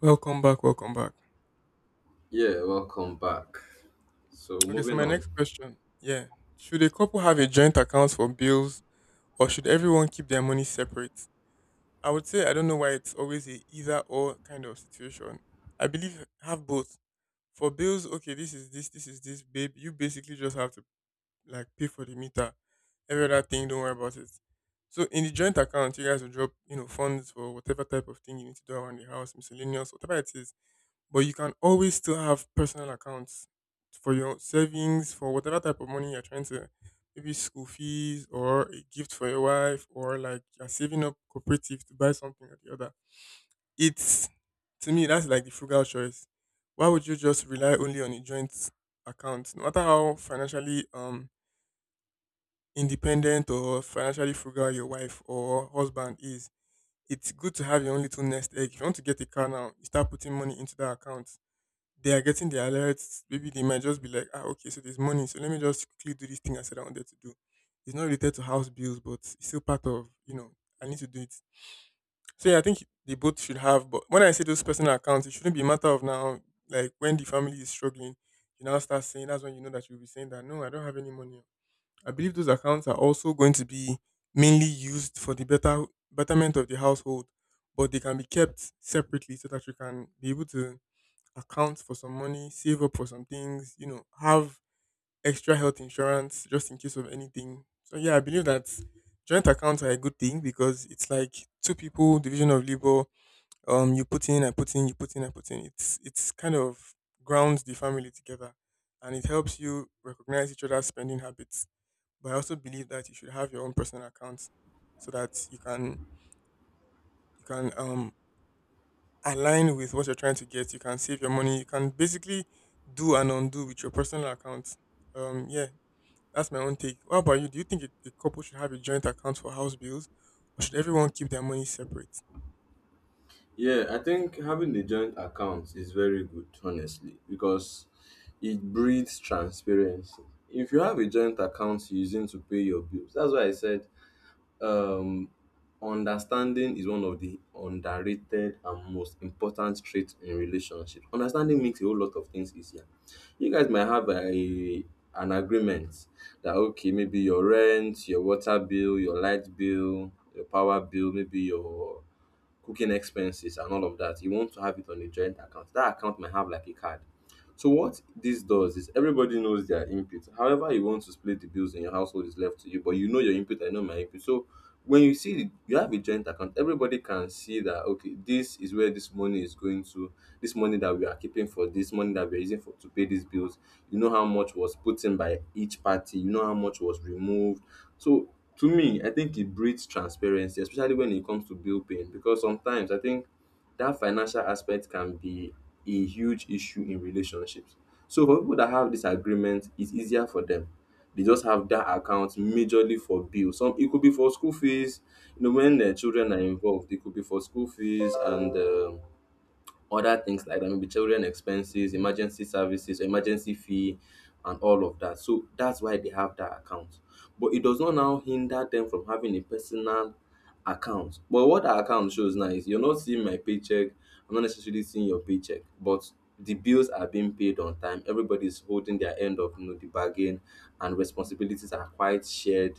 Welcome back, welcome back. Yeah, welcome back. So Okay, so moving my on. next question, yeah, should a couple have a joint account for bills, or should everyone keep their money separate? I would say I don't know why it's always a either or kind of situation. I believe have both. For bills, okay, this is this, babe. You basically just have to like pay for the meter. Every other thing, don't worry about it. So in the joint account, you guys will drop, you know, funds for whatever type of thing you need to do around the house, miscellaneous, whatever it is. But you can always still have personal accounts for your savings, for whatever type of money you're trying to, maybe school fees or a gift for your wife, or like you're saving up cooperative to buy something or the other. It's To me, that's like the frugal choice. Why would you just rely only on a joint account? No matter how financially independent or financially frugal your wife or husband is, it's good to have your own little nest egg. If you want to get a car now, you start putting money into that account. They are getting the alerts. Maybe they might just be like, ah, okay, so there's money, so let me just quickly do this thing I said I wanted to do. It's not related to house bills, but it's still part of, you know, I need to do it. So yeah, I think they both should have. But when I say those personal accounts, it shouldn't be a matter of now, like when the family is struggling, you now start saying that's when you know that you'll be saying that no, I don't have any money. I believe those accounts are also going to be mainly used for the betterment of the household, but they can be kept separately so that you can be able to account for some money, save up for some things, you know, have extra health insurance just in case of anything. So yeah, I believe that joint accounts are a good thing because it's like two people division of labor. You put in, I put in, you put in, I put in. It's kind of grounds the family together, and it helps you recognize each other's spending habits. But I also believe that you should have your own personal account so that you can you can align with what you're trying to get. You can save your money. You can basically do and undo with your personal account. Um, yeah, that's my own take. What about you? Do you think a couple should have a joint account for house bills, or should everyone keep their money separate? Yeah, I think having a joint account is very good, honestly, because it breeds transparency. If you have a joint account you're using to pay your bills, that's why I said um understanding is one of the underrated and most important traits in relationships. Understanding makes a whole lot of things easier. You guys might have a an agreement that okay, maybe your rent, your water bill, your light bill, your power bill, maybe your cooking expenses and all of that. You want to have it on a joint account. That account might have like a card. So what this does is everybody knows their input. However you want to split the bills in your household is left to you, but you know your input, I know my input. So when you see the- you have a joint account, everybody can see that okay, this is where this money is going to, this money that we are keeping for this money that we're using for to pay these bills. You know how much was put in by each party, you know how much was removed. So to me, I think it breeds transparency, especially when it comes to bill paying, because sometimes I think that financial aspect can be a huge issue in relationships. So for people that have this agreement, it's easier for them. They just have that account majorly for bills. Some it could be for school fees. You know, when the children are involved, it could be for school fees and other things like that, maybe children expenses, emergency services, emergency fee, and all of that. So that's why they have that account. But it does not now hinder them from having a personal account. But what that account shows now is you're not seeing my paycheck, I'm not necessarily seeing your paycheck, but the bills are being paid on time. Everybody's holding their end of, you know, the bargain, and responsibilities are quite shared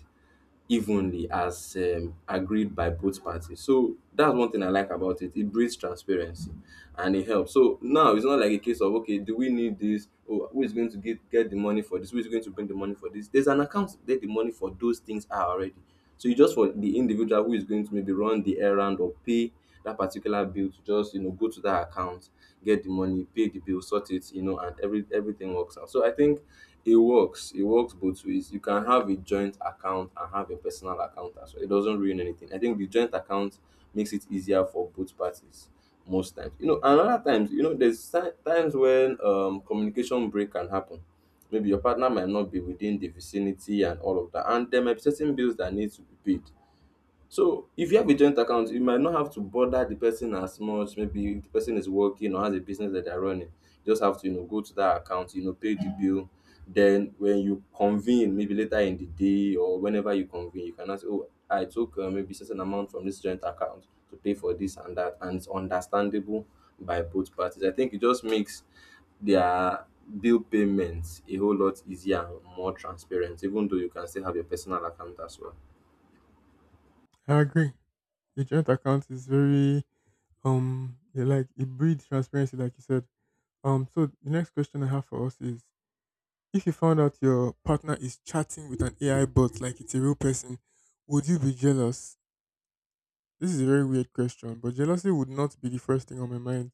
evenly as, agreed by both parties. So that's one thing I like about it. It breeds transparency and it helps. So now it's not like a case of okay, do we need this? Oh, who is going to get the money for this? Who is going to bring the money for this? There's an account that the money for those things are already. So it's just for the individual who is going to maybe run the errand or pay that particular bill to just, you know, go to that account, get the money, pay the bill, sort it, you know, and everything works out. So I think it works. It works both ways. You can have a joint account and have a personal account as well. It doesn't ruin anything. I think the joint account makes it easier for both parties most times. You know, and other times, you know, there's times when communication break can happen, maybe your partner might not be within the vicinity and all of that. And there might be certain bills that need to be paid. So if you have a joint account, you might not have to bother the person as much. Maybe if the person is working or has a business that they're running, you just have to, you know, go to that account, you know, pay the bill. Then when you convene, maybe later in the day or whenever you convene, you can ask, oh, I took maybe certain amount from this joint account to pay for this and that, and it's understandable by both parties. I think it just makes their bill payments a whole lot easier and more transparent, even though you can still have your personal account as well. I agree. A joint account is very yeah, like it breeds transparency, like you said. So the next question I have for us is: if you found out your partner is chatting with an AI bot like it's a real person, would you be jealous? This is a very weird question, but jealousy would not be the first thing on my mind.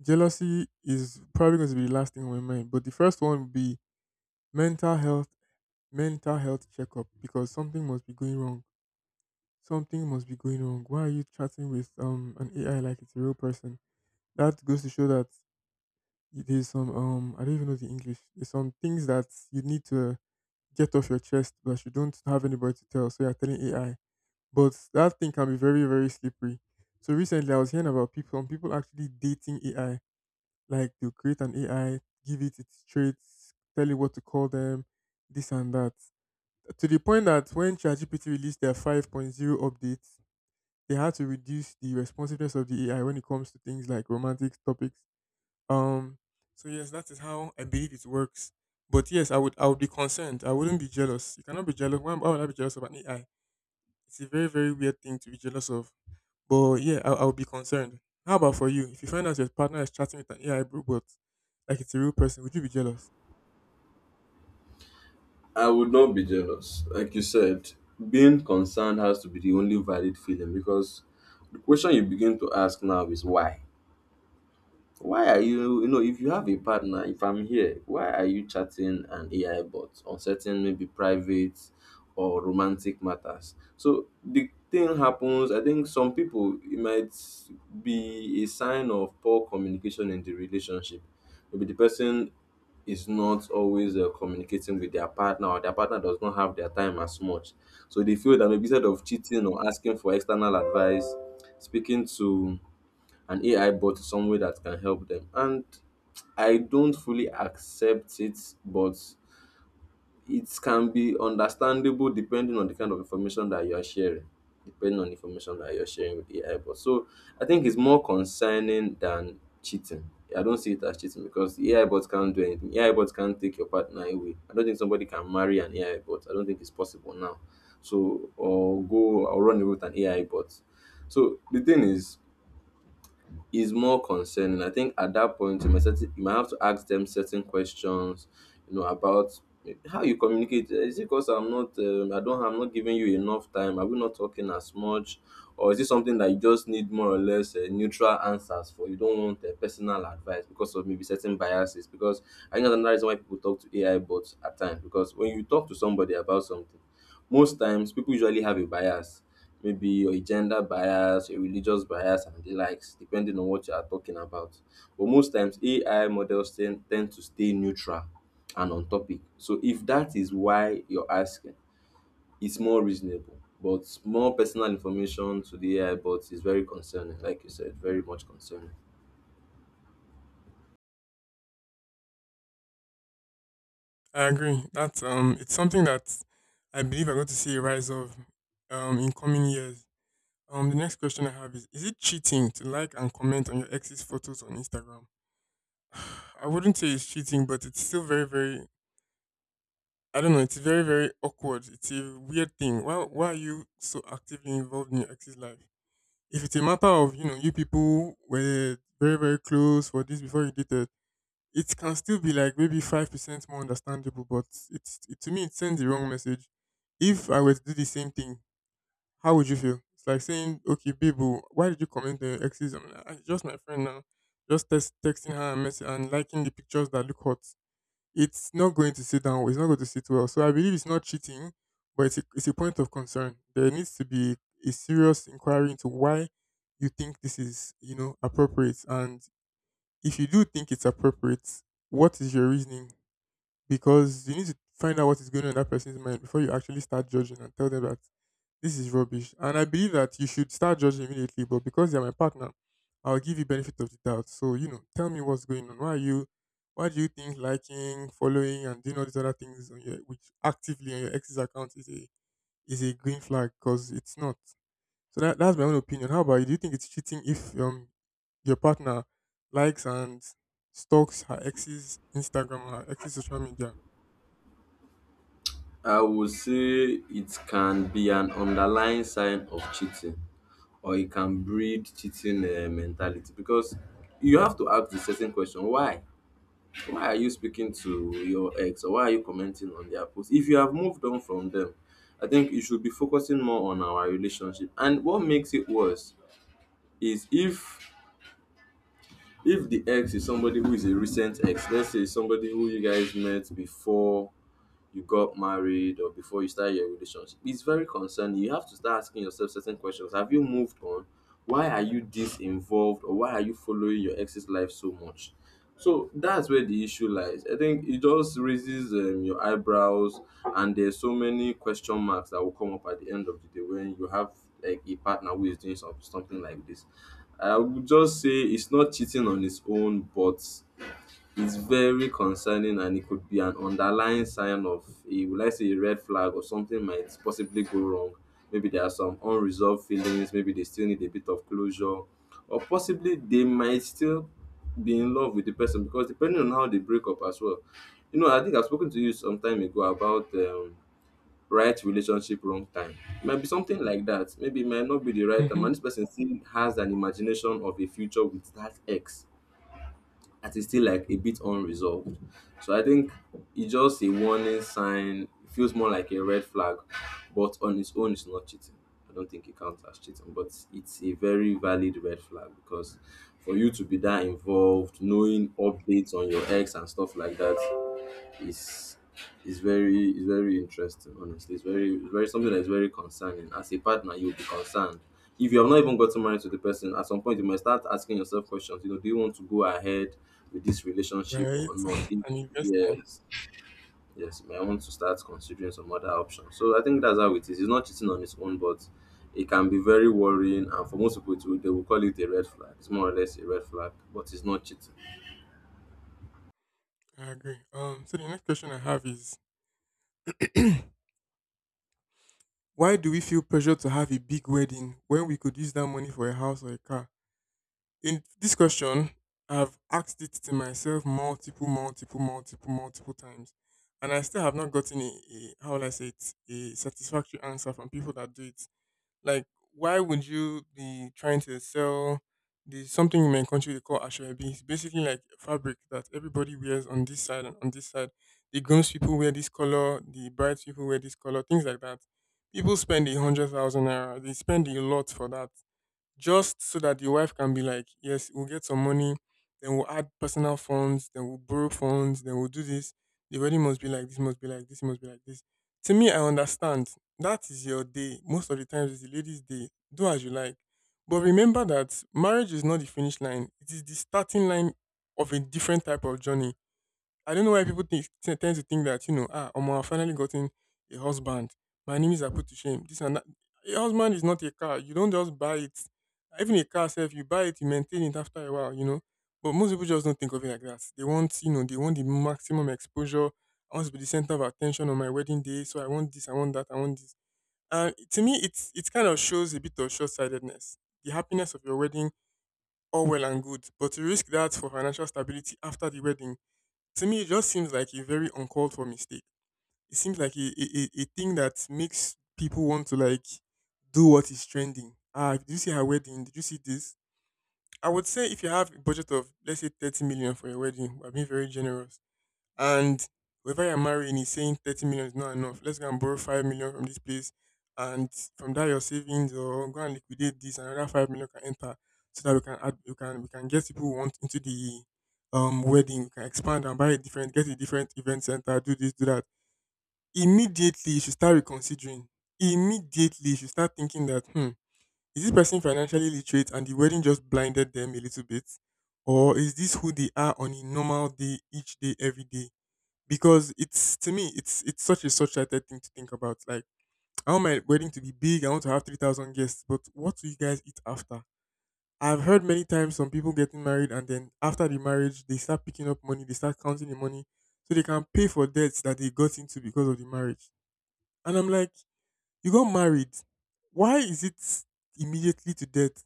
Jealousy is probably going to be the last thing on my mind, but the first one would be mental health, mental health checkup because something must be going wrong. Something must be going wrong. Why are you chatting with an AI like it's a real person? That goes to show that there's some I don't even know the English. There's some things that you need to get off your chest, but you don't have anybody to tell, so you're telling AI, but that thing can be very very slippery. So recently, I was hearing about people, some people actually dating AI. Like they'll create an AI, give it its traits, tell it what to call them, this and that. To the point that when ChatGPT released their five point zero updates, they had to reduce the responsiveness of the AI when it comes to things like romantic topics. Um, so yes, that is how I believe it works. But yes, I would be concerned. I wouldn't be jealous. You cannot be jealous. Why would I be jealous of an AI? It's a very very weird thing to be jealous of. But yeah, I would be concerned. How about for you? If you find out your partner is chatting with an AI robot, like it's a real person, would you be jealous? I would not be jealous. Like you said, being concerned has to be the only valid feeling because the question you begin to ask now is why. Why are you, you know, if you have a partner, if I'm here, why are you chatting an AI bot on certain maybe private or romantic matters? So the thing happens, I think some people, it might be a sign of poor communication in the relationship. Maybe the person is not always communicating with their partner or their partner does not have their time as much. So they feel that maybe instead of cheating or asking for external advice, speaking to an AI bot somewhere that can help them. And I don't fully accept it, but it can be understandable depending on the kind of information that you are sharing. Depending on the information that you're sharing with AI bot. So I think it's more concerning than cheating. I don't see it as cheating because the AI bot can't do anything. AI bot can't take your partner away. I don't think somebody can marry an AI bot. I don't think it's possible now. So or go or run away with an AI bot. So the thing is more concerning. I think at that point you might certain, you might have to ask them certain questions, you know, about how you communicate. Is it because I'm not I don't I'm not giving you enough time? Are we not talking as much? Or is it something that you just need more or less neutral answers for? You don't want personal advice because of maybe certain biases. Because I think that's another reason why people talk to AI bots at times. Because when you talk to somebody about something, most times people usually have a bias, maybe a gender bias, a religious bias and the likes, depending on what you are talking about. But most times AI models tend to stay neutral and on topic. So if that is why you're asking, it's more reasonable. But more personal information to the AI bot is very concerning, like you said, very much concerning. I agree. That's It's something that I believe I'm going to see a rise of, in coming years. The next question I have is: is it cheating to like and comment on your ex's photos on Instagram? I wouldn't say it's cheating, but it's still very, very. I don't know. It's very, very awkward. It's a weird thing. Why are you so actively involved in your ex's life? If it's a matter of you know you people were very very close for this before you dated, it can still be like maybe 5% more understandable. But to me it sends the wrong message. If I were to do the same thing, how would you feel? It's like saying, okay, babe, oh, why did you comment on your exes? I'm like, "Ah, it's just my friend now. Just texting her and, and liking the pictures that look hot." It's not going to sit down. It's not going to sit well. So I believe it's not cheating, but it's a point of concern. There needs to be a serious inquiry into why you think this is you know appropriate, and if you do think it's appropriate, what is your reasoning? Because you need to find out what is going on in that person's mind before you actually start judging and tell them that this is rubbish. And I believe that you should start judging immediately, but because you're my partner, I'll give you benefit of the doubt. So, you know, tell me what's going on. Why do you think liking, following and doing all these other things on your which actively on your ex's account is a green flag, because it's not. So that's my own opinion. How about you? Do you think it's cheating if your partner likes and stalks her ex's Instagram her ex's social media? I would say it can be an underlying sign of cheating, or it can breed cheating mentality because you have to ask the certain question why. Why are you speaking to your ex or why are you commenting on their post if you have moved on from them? I think you should be focusing more on our relationship. And what makes it worse is if the ex is somebody who is a recent ex, let's say somebody who you guys met before you got married or before you start your relationship. It's very concerning. You have to start asking yourself certain questions. Have you moved on? Why are you this involved or why are you following your ex's life so much? So that's where the issue lies. I think it just raises, your eyebrows, and there's so many question marks that will come up at the end of the day when you have like a partner who is doing something like this. I would just say it's not cheating on its own, but it's very concerning and it could be an underlying sign of a, would I say, a red flag or something might possibly go wrong. Maybe there are some unresolved feelings, maybe they still need a bit of closure, or possibly they might still be in love with the person because depending on how they break up as well. You know, I think I've spoken to you some time ago about, right relationship, wrong time. It might be something like that. Maybe it might not be the right time, Hmm. and this person still has an imagination of a future with that ex that is still like a bit unresolved. So I think it's just a warning sign. It feels more like a red flag, but on its own, it's not cheating. I don't think it counts as cheating, but it's a very valid red flag because for you to be that involved, knowing updates on your ex and stuff like that, is is very, is very interesting, honestly. It's very, it's very something that is very concerning. As a partner, you'll be concerned. If you have not even gotten married to the person, at some point you might start asking yourself questions, you know, do you want to go ahead with this relationship Right? or not? If And invest time. Yes, yes, you might want to start considering some other options. So I think that's how it is. It's not cheating on its own, but it can be very worrying, and for most people it will, they will call it a red flag. It's more or less a red flag, but it's not cheating. I agree. So the next question I have is why do we feel pressured to have a big wedding when we could use that money for a house or a car? In this question, I've asked it to myself multiple, multiple, multiple, multiple times. And I still have not gotten a how will I say it, a satisfactory answer from people that do it. Like, why would you be trying to sell the something in my country they call ashwebi? It's basically like fabric that everybody wears on this side and on this side. The grooms people wear this color, the brides people wear this color, things like that. People spend 100,000 naira. They spend a lot for that just so that the wife can be like, yes, we'll get some money, then we'll add personal funds, then we'll borrow funds, then we'll do this. The wedding must be like this, must be like this, must be like this. To me, I understand that is your day. Most of the times, it's the lady's day. Do as you like. But remember that marriage is not the finish line, it is the starting line of a different type of journey. I don't know why people tend to think that, you know, ah, Omo, I've finally gotten a husband. My enemies are put to shame. This and that. A husband is not a car. You don't just buy it. Even a car self, you buy it, you maintain it after a while, you know. But most people just don't think of it like that. They want, you know, they want the maximum exposure. I want to be the center of attention on my wedding day. So I want this, I want that, I want this. And to me, it kind of shows a bit of short sightedness. The happiness of your wedding, all well and good. But to risk that for financial stability after the wedding, to me, it just seems like a very uncalled for mistake. It seems like a thing that makes people want to like do what is trending. Ah, did you see her wedding? Did you see this? I would say if you have a budget of let's say 30 million for your wedding, I'm being very generous. And whoever you're marrying is saying 30 million is not enough. Let's go and borrow 5 million from this place. And from that, your savings or go and liquidate this, and another 5 million can enter so that we can add, we can get people who want into the wedding. We can expand and get a different event center, do this, do that. Immediately, you should start reconsidering. Immediately, you should start thinking that, is this person financially literate and the wedding just blinded them a little bit? Or is this who they are on a normal day, each day, every day? Because it's to me it's such a short-sighted thing to think about. Like, I want my wedding to be big. I want to have 3,000 guests. But what do you guys eat after? I've heard many times, some people getting married and then after the marriage they start picking up money, they start counting the money so they can pay for debts that they got into because of the marriage. And I'm like, you got married, why is it immediately to debt?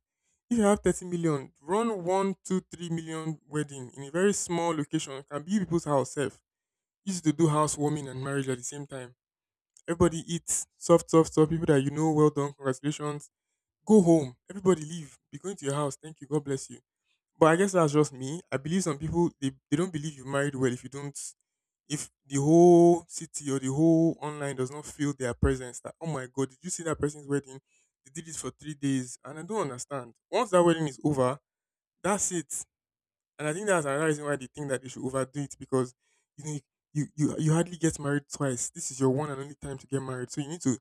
If you have 30 million, run 1, 2, 3 million wedding in a very small location. It can be people's house sef. Easy to do housewarming and marriage at the same time. Everybody eats soft, soft, soft. People that you know, well done, congratulations. Go home. Everybody leave. Be going to your house. Thank you. God bless you. But I guess that's just me. I believe some people, they don't believe you married well if you don't if the whole city or the whole online does not feel their presence that, oh my god, did you see that person's wedding? They did it for 3 days, and I don't understand. Once that wedding is over, that's it. And I think that's another reason why they think that they should overdo it because you know you hardly get married twice. This is your one and only time to get married. So you need to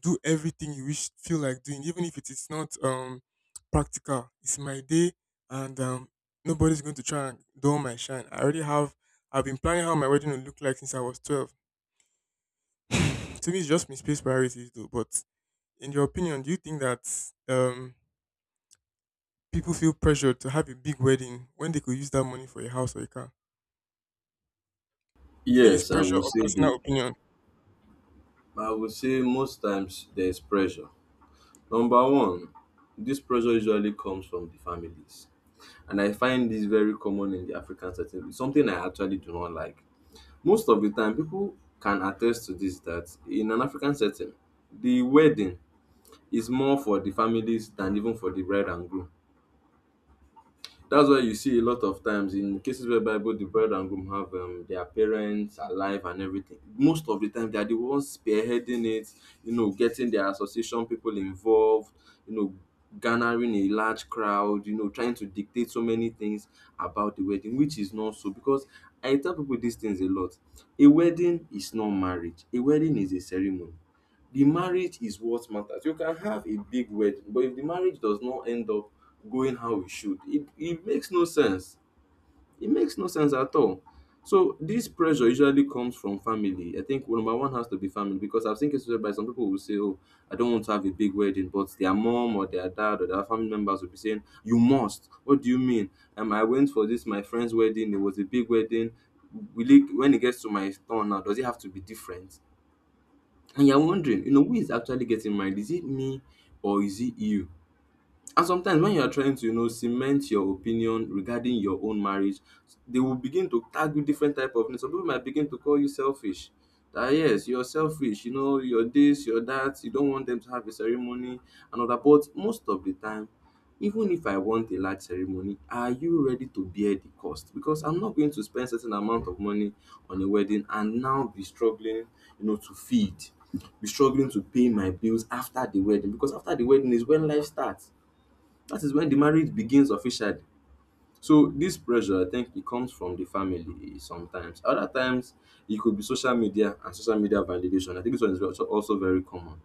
do everything you wish feel like doing, even if it is not practical. It's my day, and nobody's going to try and dull my shine. I already have I've been planning how my wedding will look like since I was 12. To me, it's just misplaced priorities though. But in your opinion, do you think that um people feel pressured to have a big wedding when they could use that money for a house or a car? Do you think it's yes i pressure will or say the personal opinion? I would say most times there's pressure. Number one, this pressure usually comes from the families. And I find this very common in the African setting. It's something I actually do not like. Most of the time, people can attest to this that in an African setting, the wedding is more for the families than even for the bride and groom. That's why you see a lot of times in cases whereby both the bride and groom have their parents alive and everything. Most of the time, they are the ones spearheading it, you know, getting their association people involved, you know, garnering a large crowd, you know, trying to dictate so many things about the wedding, which is not so. Because I tell people these things a lot. A wedding is not marriage, a wedding is a ceremony. The marriage is what matters. You can have a big wedding, but if the marriage does not end up going how it should, it makes no sense. It makes no sense at all. So this pressure usually comes from family. I think well, number one has to be family because I've seen cases whereby some people will say, "Oh, I don't want to have a big wedding," but their mom or their dad or their family members will be saying, "You must." What do you mean? I went for this my friend's wedding. It was a big wedding. Will it, when it gets to my turn now, does it have to be different? And you're Hmm. wondering, you know, who is actually getting married? Is it me or is it you? And sometimes when you are trying to, you know, cement your opinion regarding your own marriage, they will begin to tag you different type of names. Some people might begin to call you selfish. That yes, you're selfish, you know, you're this, you're that, you don't want them to have a ceremony and all that. But most of the time, even if I want a large ceremony, are you ready to bear the cost? Because I'm not going to spend certain amount of money on a wedding and now be struggling, you know, to feed, be struggling to pay my bills after the wedding. Because after the wedding is when life starts, that is when the marriage begins officially. So this pressure I think it comes from the family sometimes. Other times it could be social media and social media validation. I think this one is also very common.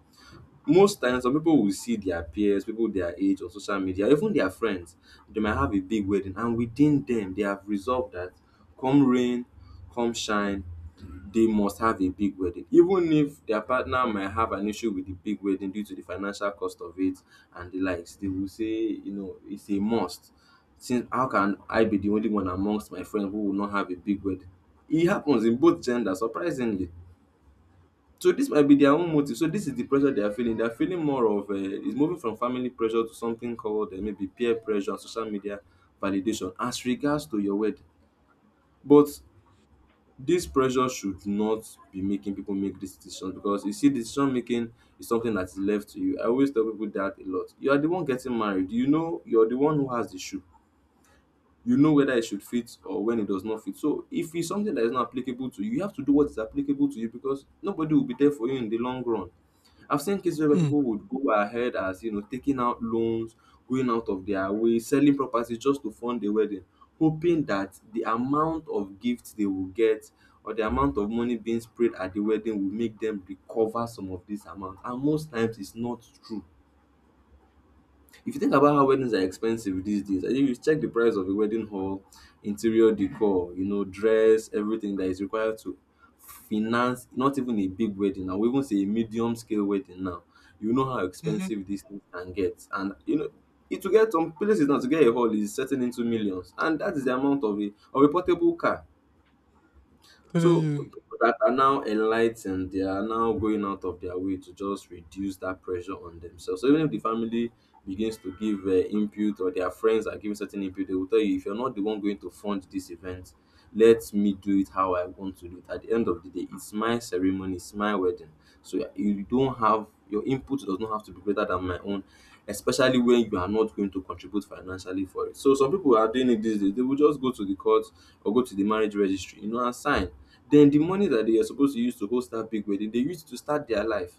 Most times some people will see their peers, people their age on social media, even their friends, they might have a big wedding and within them they have resolved that come rain, come shine, they must have a big wedding. Even if their partner might have an issue with the big wedding due to the financial cost of it and the likes, they will say, you know, it's a must. Since how can I be the only one amongst my friends who will not have a big wedding? It happens in both genders, surprisingly. So this might be their own motive. So this is the pressure they are feeling. They are feeling more of it's moving from family pressure to something called maybe peer pressure and social media validation as regards to your wedding. But this pressure should not be making people make this decision because you see decision making is something that is left to you. I always tell people that a lot. You are the one getting married. You know you are the one who has the shoe. You know whether it should fit or when it does not fit. So if it's something that is not applicable to you, you have to do what is applicable to you because nobody will be there for you in the long run. I've seen cases where Hmm. people would go ahead as you know taking out loans, going out of their way, selling properties just to fund the wedding, hoping that the amount of gifts they will get or the amount of money being spread at the wedding will make them recover some of this amount. And most times it's not true. If you think about how weddings are expensive these days, I think you check the price of a wedding hall, interior decor, you know, dress, everything that is required to finance not even a big wedding. I will even say a medium scale wedding now. You know how Mm-hmm. expensive these things can get. And you know, it to get some places now to get a hall is setting into millions. And that is the amount of a portable car. Telling So you. people that are now enlightened, they are now going out of their way to just reduce that pressure on themselves. So even if the family begins to give input or their friends are giving certain input, they will tell you if you're not the one going to fund this event, let me do it how I want to do it. At the end of the day, it's my ceremony, it's my wedding. So you don't have Your input does not have to be greater than my own, especially when you are not going to contribute financially for it. So some people are doing it these days. They will just go to the court or go to the marriage registry, you know, and sign. Then the money that they are supposed to use to host that big wedding, they use it to start their life.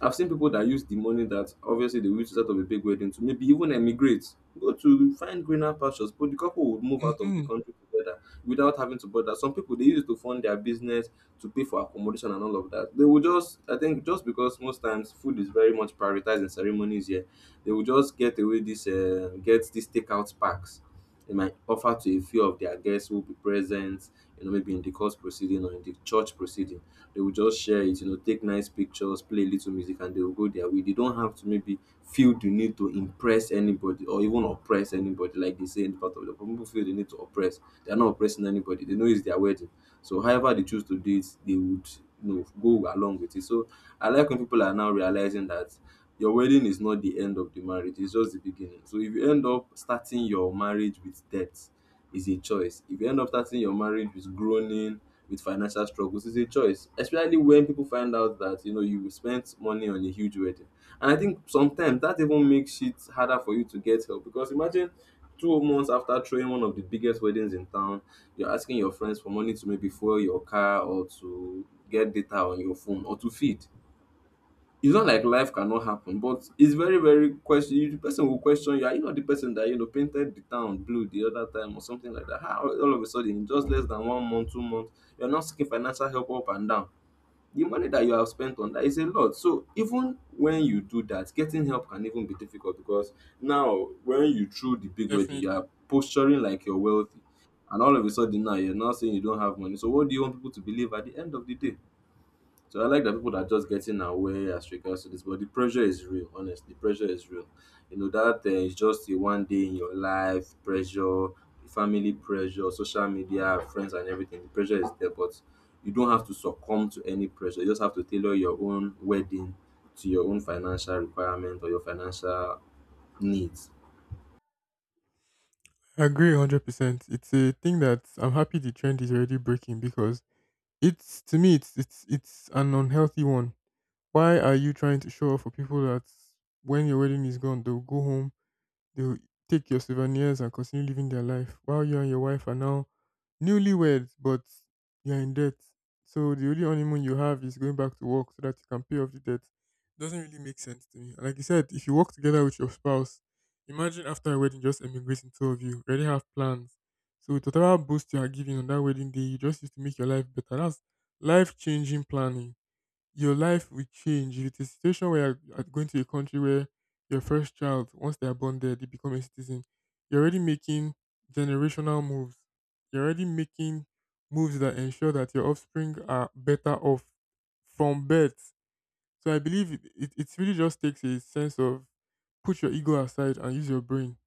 I've seen people that use the money that obviously they will out of a big wedding to maybe even emigrate, go to find greener pastures. But the couple would move out of the Mm-hmm. country together without having to bother. Some people they use it to fund their business, to pay for accommodation and all of that. They will just, I think, just because most times food is very much prioritized in ceremonies here, they will just get away this, get these takeout packs. They might offer to a few of their guests who will be present, you know, maybe in the court proceeding or in the church proceeding. They will just share it, you know, take nice pictures, play a little music, and they will go their way. They don't have to maybe feel the need to impress anybody or even oppress anybody, like they say in the part of the people feel the need to oppress. They are not oppressing anybody. They know it's their wedding. So however they choose to do it, they would you know go along with it. So I like when people are now realizing that your wedding is not the end of the marriage, it's just the beginning. So if you end up starting your marriage with debt, is a choice. If you end up starting your marriage with groaning, with financial struggles, is a choice. Especially when people find out that you know you spent money on a huge wedding. And I think sometimes that even makes it harder for you to get help because imagine 2 months after throwing one of the biggest weddings in town, you're asking your friends for money to maybe fuel your car or to get data on your phone or to feed. It's not like life cannot happen, but it's very, very question. The person will question you. Are you not the person that you know painted the town blue the other time or something like that? How all of a sudden, in just less than one month, 2 months, you're not seeking financial help up and down. The money that you have spent on that is a lot. So even when you do that, getting help can even be difficult because now when you threw the big wedding, you Definitely. are posturing like you're wealthy, and all of a sudden now you're now saying you don't have money. So what do you want people to believe at the end of the day? So I like that people are just getting aware as regards to this, but the pressure is real. Honestly, the pressure is real. You know that it's just a one day in your life pressure, family pressure, social media, friends, and everything. The pressure is there, but you don't have to succumb to any pressure. You just have to tailor your own wedding to your own financial requirement or your financial needs. I agree 100%. It's a thing that I'm happy the trend is already breaking because to me, it's an unhealthy one. Why are you trying to show off for people that when your wedding is gone, they'll go home. They will take your souvenirs and continue living their life while you and your wife are now newlyweds, but you're in debt. So the only honeymoon you have is going back to work so that you can pay off the debt. Doesn't really make sense to me. And, like you said, if you work together with your spouse, imagine after a wedding just emigrating, two of you, already have plans. So with whatever boost you are giving on that wedding day, you just used to make your life better. That's life changing planning. Your life will change. If it's a situation where you're going to a country where your first child, once they are born there, they become a citizen, you're already making generational moves. You're already making moves that ensure that your offspring are better off from birth. So I believe it really just takes a sense of put your ego aside and use your brain.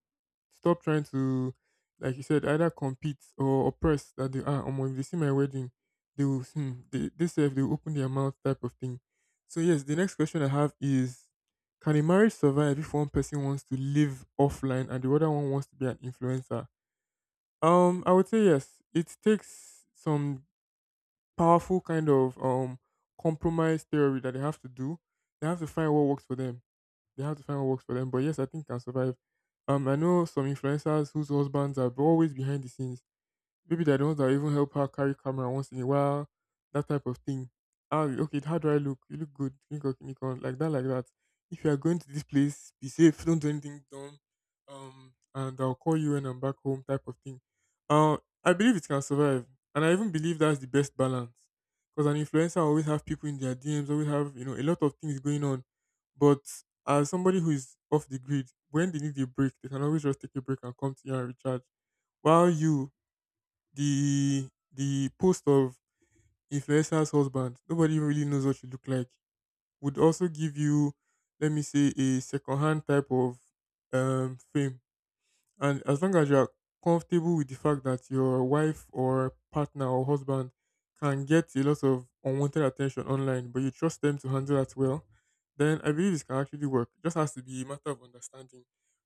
Stop trying to, like you said, either compete or oppress that they are. Omo, if they see my wedding, they will, they say if they will open their mouth type of thing. So, yes, the next question I have is, can a marriage survive if one person wants to live offline and the other one wants to be an influencer? I would say yes. It takes some powerful kind of compromise theory that they have to do. They have to find what works for them. They have to find what works for them. But yes, I think can survive. I know some influencers whose husbands are always behind the scenes. Maybe they're the ones that even help her carry camera once in a while, that type of thing. Ah, okay, how do I look? You look good. Nikon, Nikon, like that, like that. If you are going to this place, be safe. Don't do anything dumb. And I'll call you when I'm back home, type of thing. Uh, I believe it can survive, and I even believe that's the best balance. Because an influencer always have people in their DMs, always have a lot of things going on. But as somebody who is off the grid, when they need a break, they can always just take a break and come to you and recharge. While you the the post of influencer's husband, nobody really knows what you look like, would also give you, let me say, a second hand type of fame, and as long as you are comfortable with the fact that your wife or partner or husband can get a lot of unwanted attention online, but you trust them to handle that well, then I believe this can actually work. It just has to be a matter of understanding.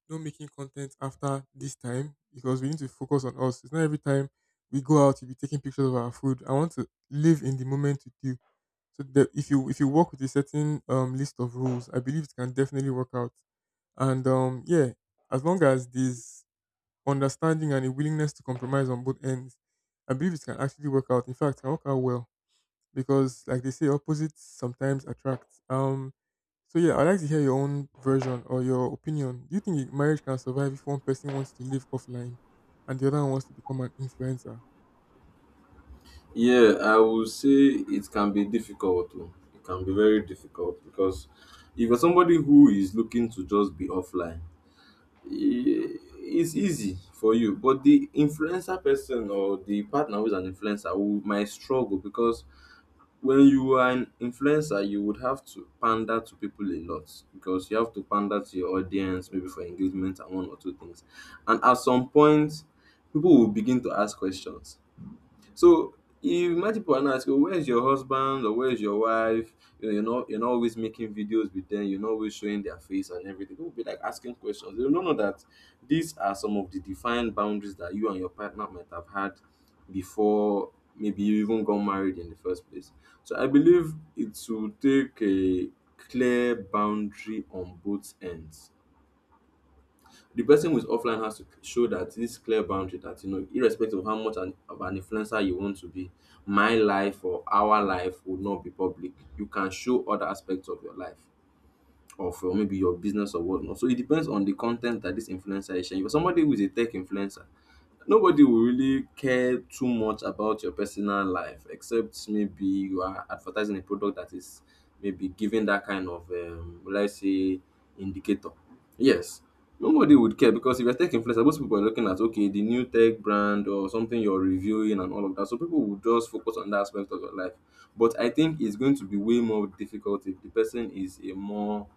No making content after this time because we need to focus on us. It's not every time we go out, you'll be taking pictures of our food. I want to live in the moment with you. So that if you work with a certain list of rules, I believe it can definitely work out. And yeah, as long as these understanding and a willingness to compromise on both ends, I believe it can actually work out. In fact, it can work out well because, like they say, opposites sometimes attract. So yeah, I'd like to hear your own version or your opinion. Do you think marriage can survive if one person wants to live offline and the other one wants to become an influencer? Yeah, I will say it can be difficult. Oh. It can be very difficult because if you're somebody who is looking to just be offline, e- it's easy for you but the influencer person or the partner who's an influencer who might struggle because when you are an influencer you would have to pander to people a lot because you have to pander to your audience maybe for engagement and one or two things and at some point people will begin to ask questions. So if my people are now asking, where is your husband or where is your wife? You know, you're not always making videos with them. You're not always showing their face and everything. People be like asking questions. They don't know that these are some of the defined boundaries that you and your partner might have had before maybe you even got married in the first place. So I believe it will take a clear boundary on both ends. The person who is offline has to show that this clear boundary, that you know, irrespective of how much an, of an influencer you want to be, my life or our life will not be public. You can show other aspects of your life or for maybe your business or whatnot. So it depends on the content that this influencer is sharing. For somebody who is a tech influencer, nobody will really care too much about your personal life, except maybe you are advertising a product that is maybe giving that kind of will I say indicator. Yes. Nobody would care, because if you're tech influencer, most people are looking at okay, the new tech brand or something you're reviewing and all of that. So people will just focus on that aspect of your life. But I think it's going to be way more difficult if the person is a more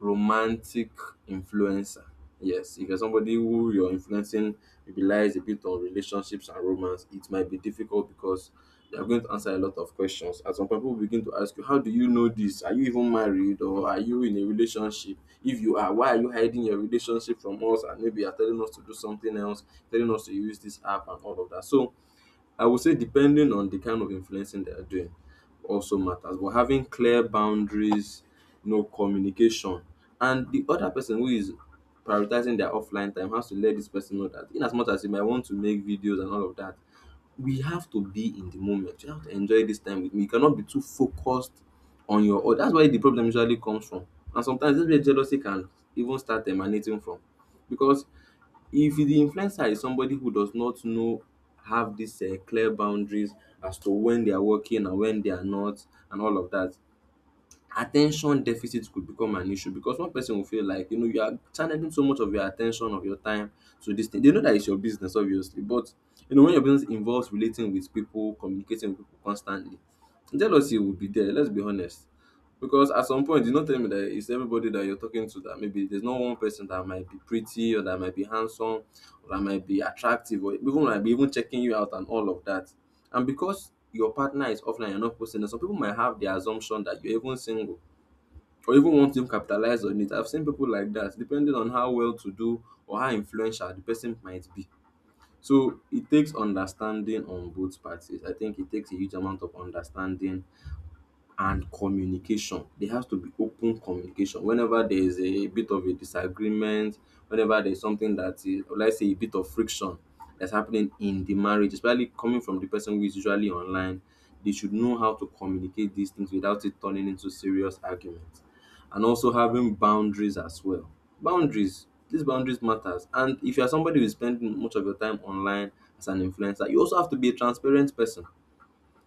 romantic influencer. Yes, if you're somebody who you're influencing relies a bit on relationships and romance, it might be difficult, because you're going to answer a lot of questions. At some point, people begin to ask you, how do you know this? Are you even married or are you in a relationship? If you are, why are you hiding your relationship from us? And maybe you're telling us to do something else, telling us to use this app and all of that. So I would say depending on the kind of influencing they are doing also matters. But having clear boundaries, you know, communication, and the other person who is prioritizing their offline time has to let this person know that in as much as you might want to make videos and all of that, we have to be in the moment. You have to enjoy this time with me. You cannot be too focused on your own. That's where the problem usually comes from. And sometimes this is where jealousy can even start emanating from. Because if the influencer is somebody who does not know, have these clear boundaries as to when they are working and when they are not and all of that, attention deficit could become an issue, because one person will feel like, you know, you are channeling so much of your attention, of your time, to this thing. They know that it's your business obviously, but you know, when your business involves relating with people, communicating with people constantly, jealousy will be there, let's be honest. Because at some point, you no tell me that it's everybody that you're talking to that maybe there's not one person that might be pretty or that might be handsome or that might be attractive or even might be even checking you out and all of that. And because your partner is offline, you're not posting, some people might have the assumption that you're even single or even want to capitalize on it. I've seen people like that, depending on how well to do or how influential the person might be. So it takes understanding on both parties. I think it takes a huge amount of understanding and communication. There has to be open communication. Whenever there is a bit of a disagreement, whenever there's something that is, let's say, a bit of friction that's happening in the marriage, especially coming from the person who is usually online, they should know how to communicate these things without it turning into serious arguments. And also having boundaries as well. Boundaries, these boundaries matters. And if you are somebody who is spending much of your time online as an influencer, you also have to be a transparent person,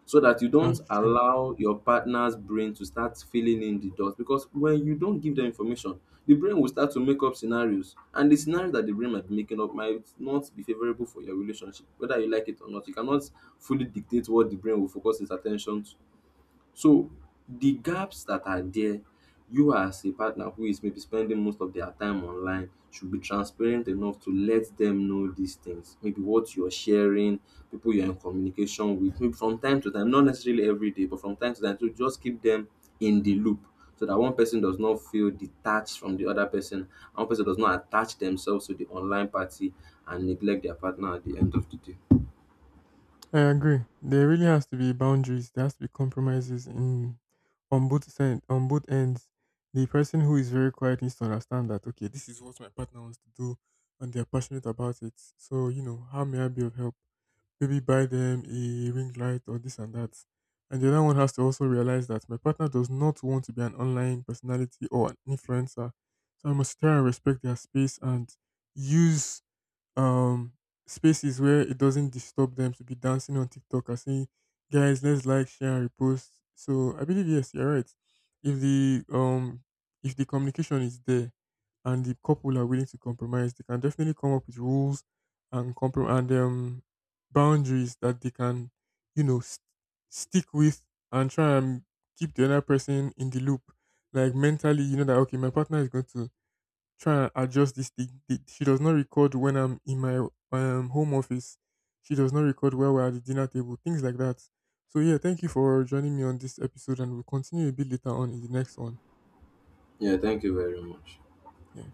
so that you Ah, don't allow your partner's brain to start filling in the dots. Because when you don't give them information, the brain will start to make up scenarios, and the scenario that the brain might be making up might not be favorable for your relationship. Whether you like it or not, you cannot fully dictate what the brain will focus its attention to. So the gaps that are there, you as a partner who is maybe spending most of their time online should be transparent enough to let them know these things. Maybe what you're sharing, people you're in communication with, maybe from time to time, not necessarily every day, but from time to time, to just keep them in the loop, so that one person does not feel detached from the other person, and one person does not attach themselves to the online party and neglect their partner at the end of the day. I agree. There really has to be boundaries. There has to be compromises in on both side, on both ends. The person who is very quiet needs to understand that, okay, this is what my partner wants to do, and they're passionate about it. So, how may I be of help? Maybe buy them a ring light or this and that. And the other one has to also realize that my partner does not want to be an online personality or an influencer. So I must try and respect their space and use um spaces where it doesn't disturb them to be dancing on TikTok and saying, guys, let's like, share, and repost. So I believe, yes, you're right. If the um if the communication is there and the couple are willing to compromise, they can definitely come up with rules and and boundaries that they can, you know, st- stick with and try and keep the other person in the loop. Like mentally, you know that, okay, my partner is going to try and adjust this thing. She does not record when I'm in my home office. She does not record while we're at the dinner table, things like that. So, yeah, thank you for joining me on this episode, and we'll continue a bit later on in the next one. Yeah, thank you very much. Yeah.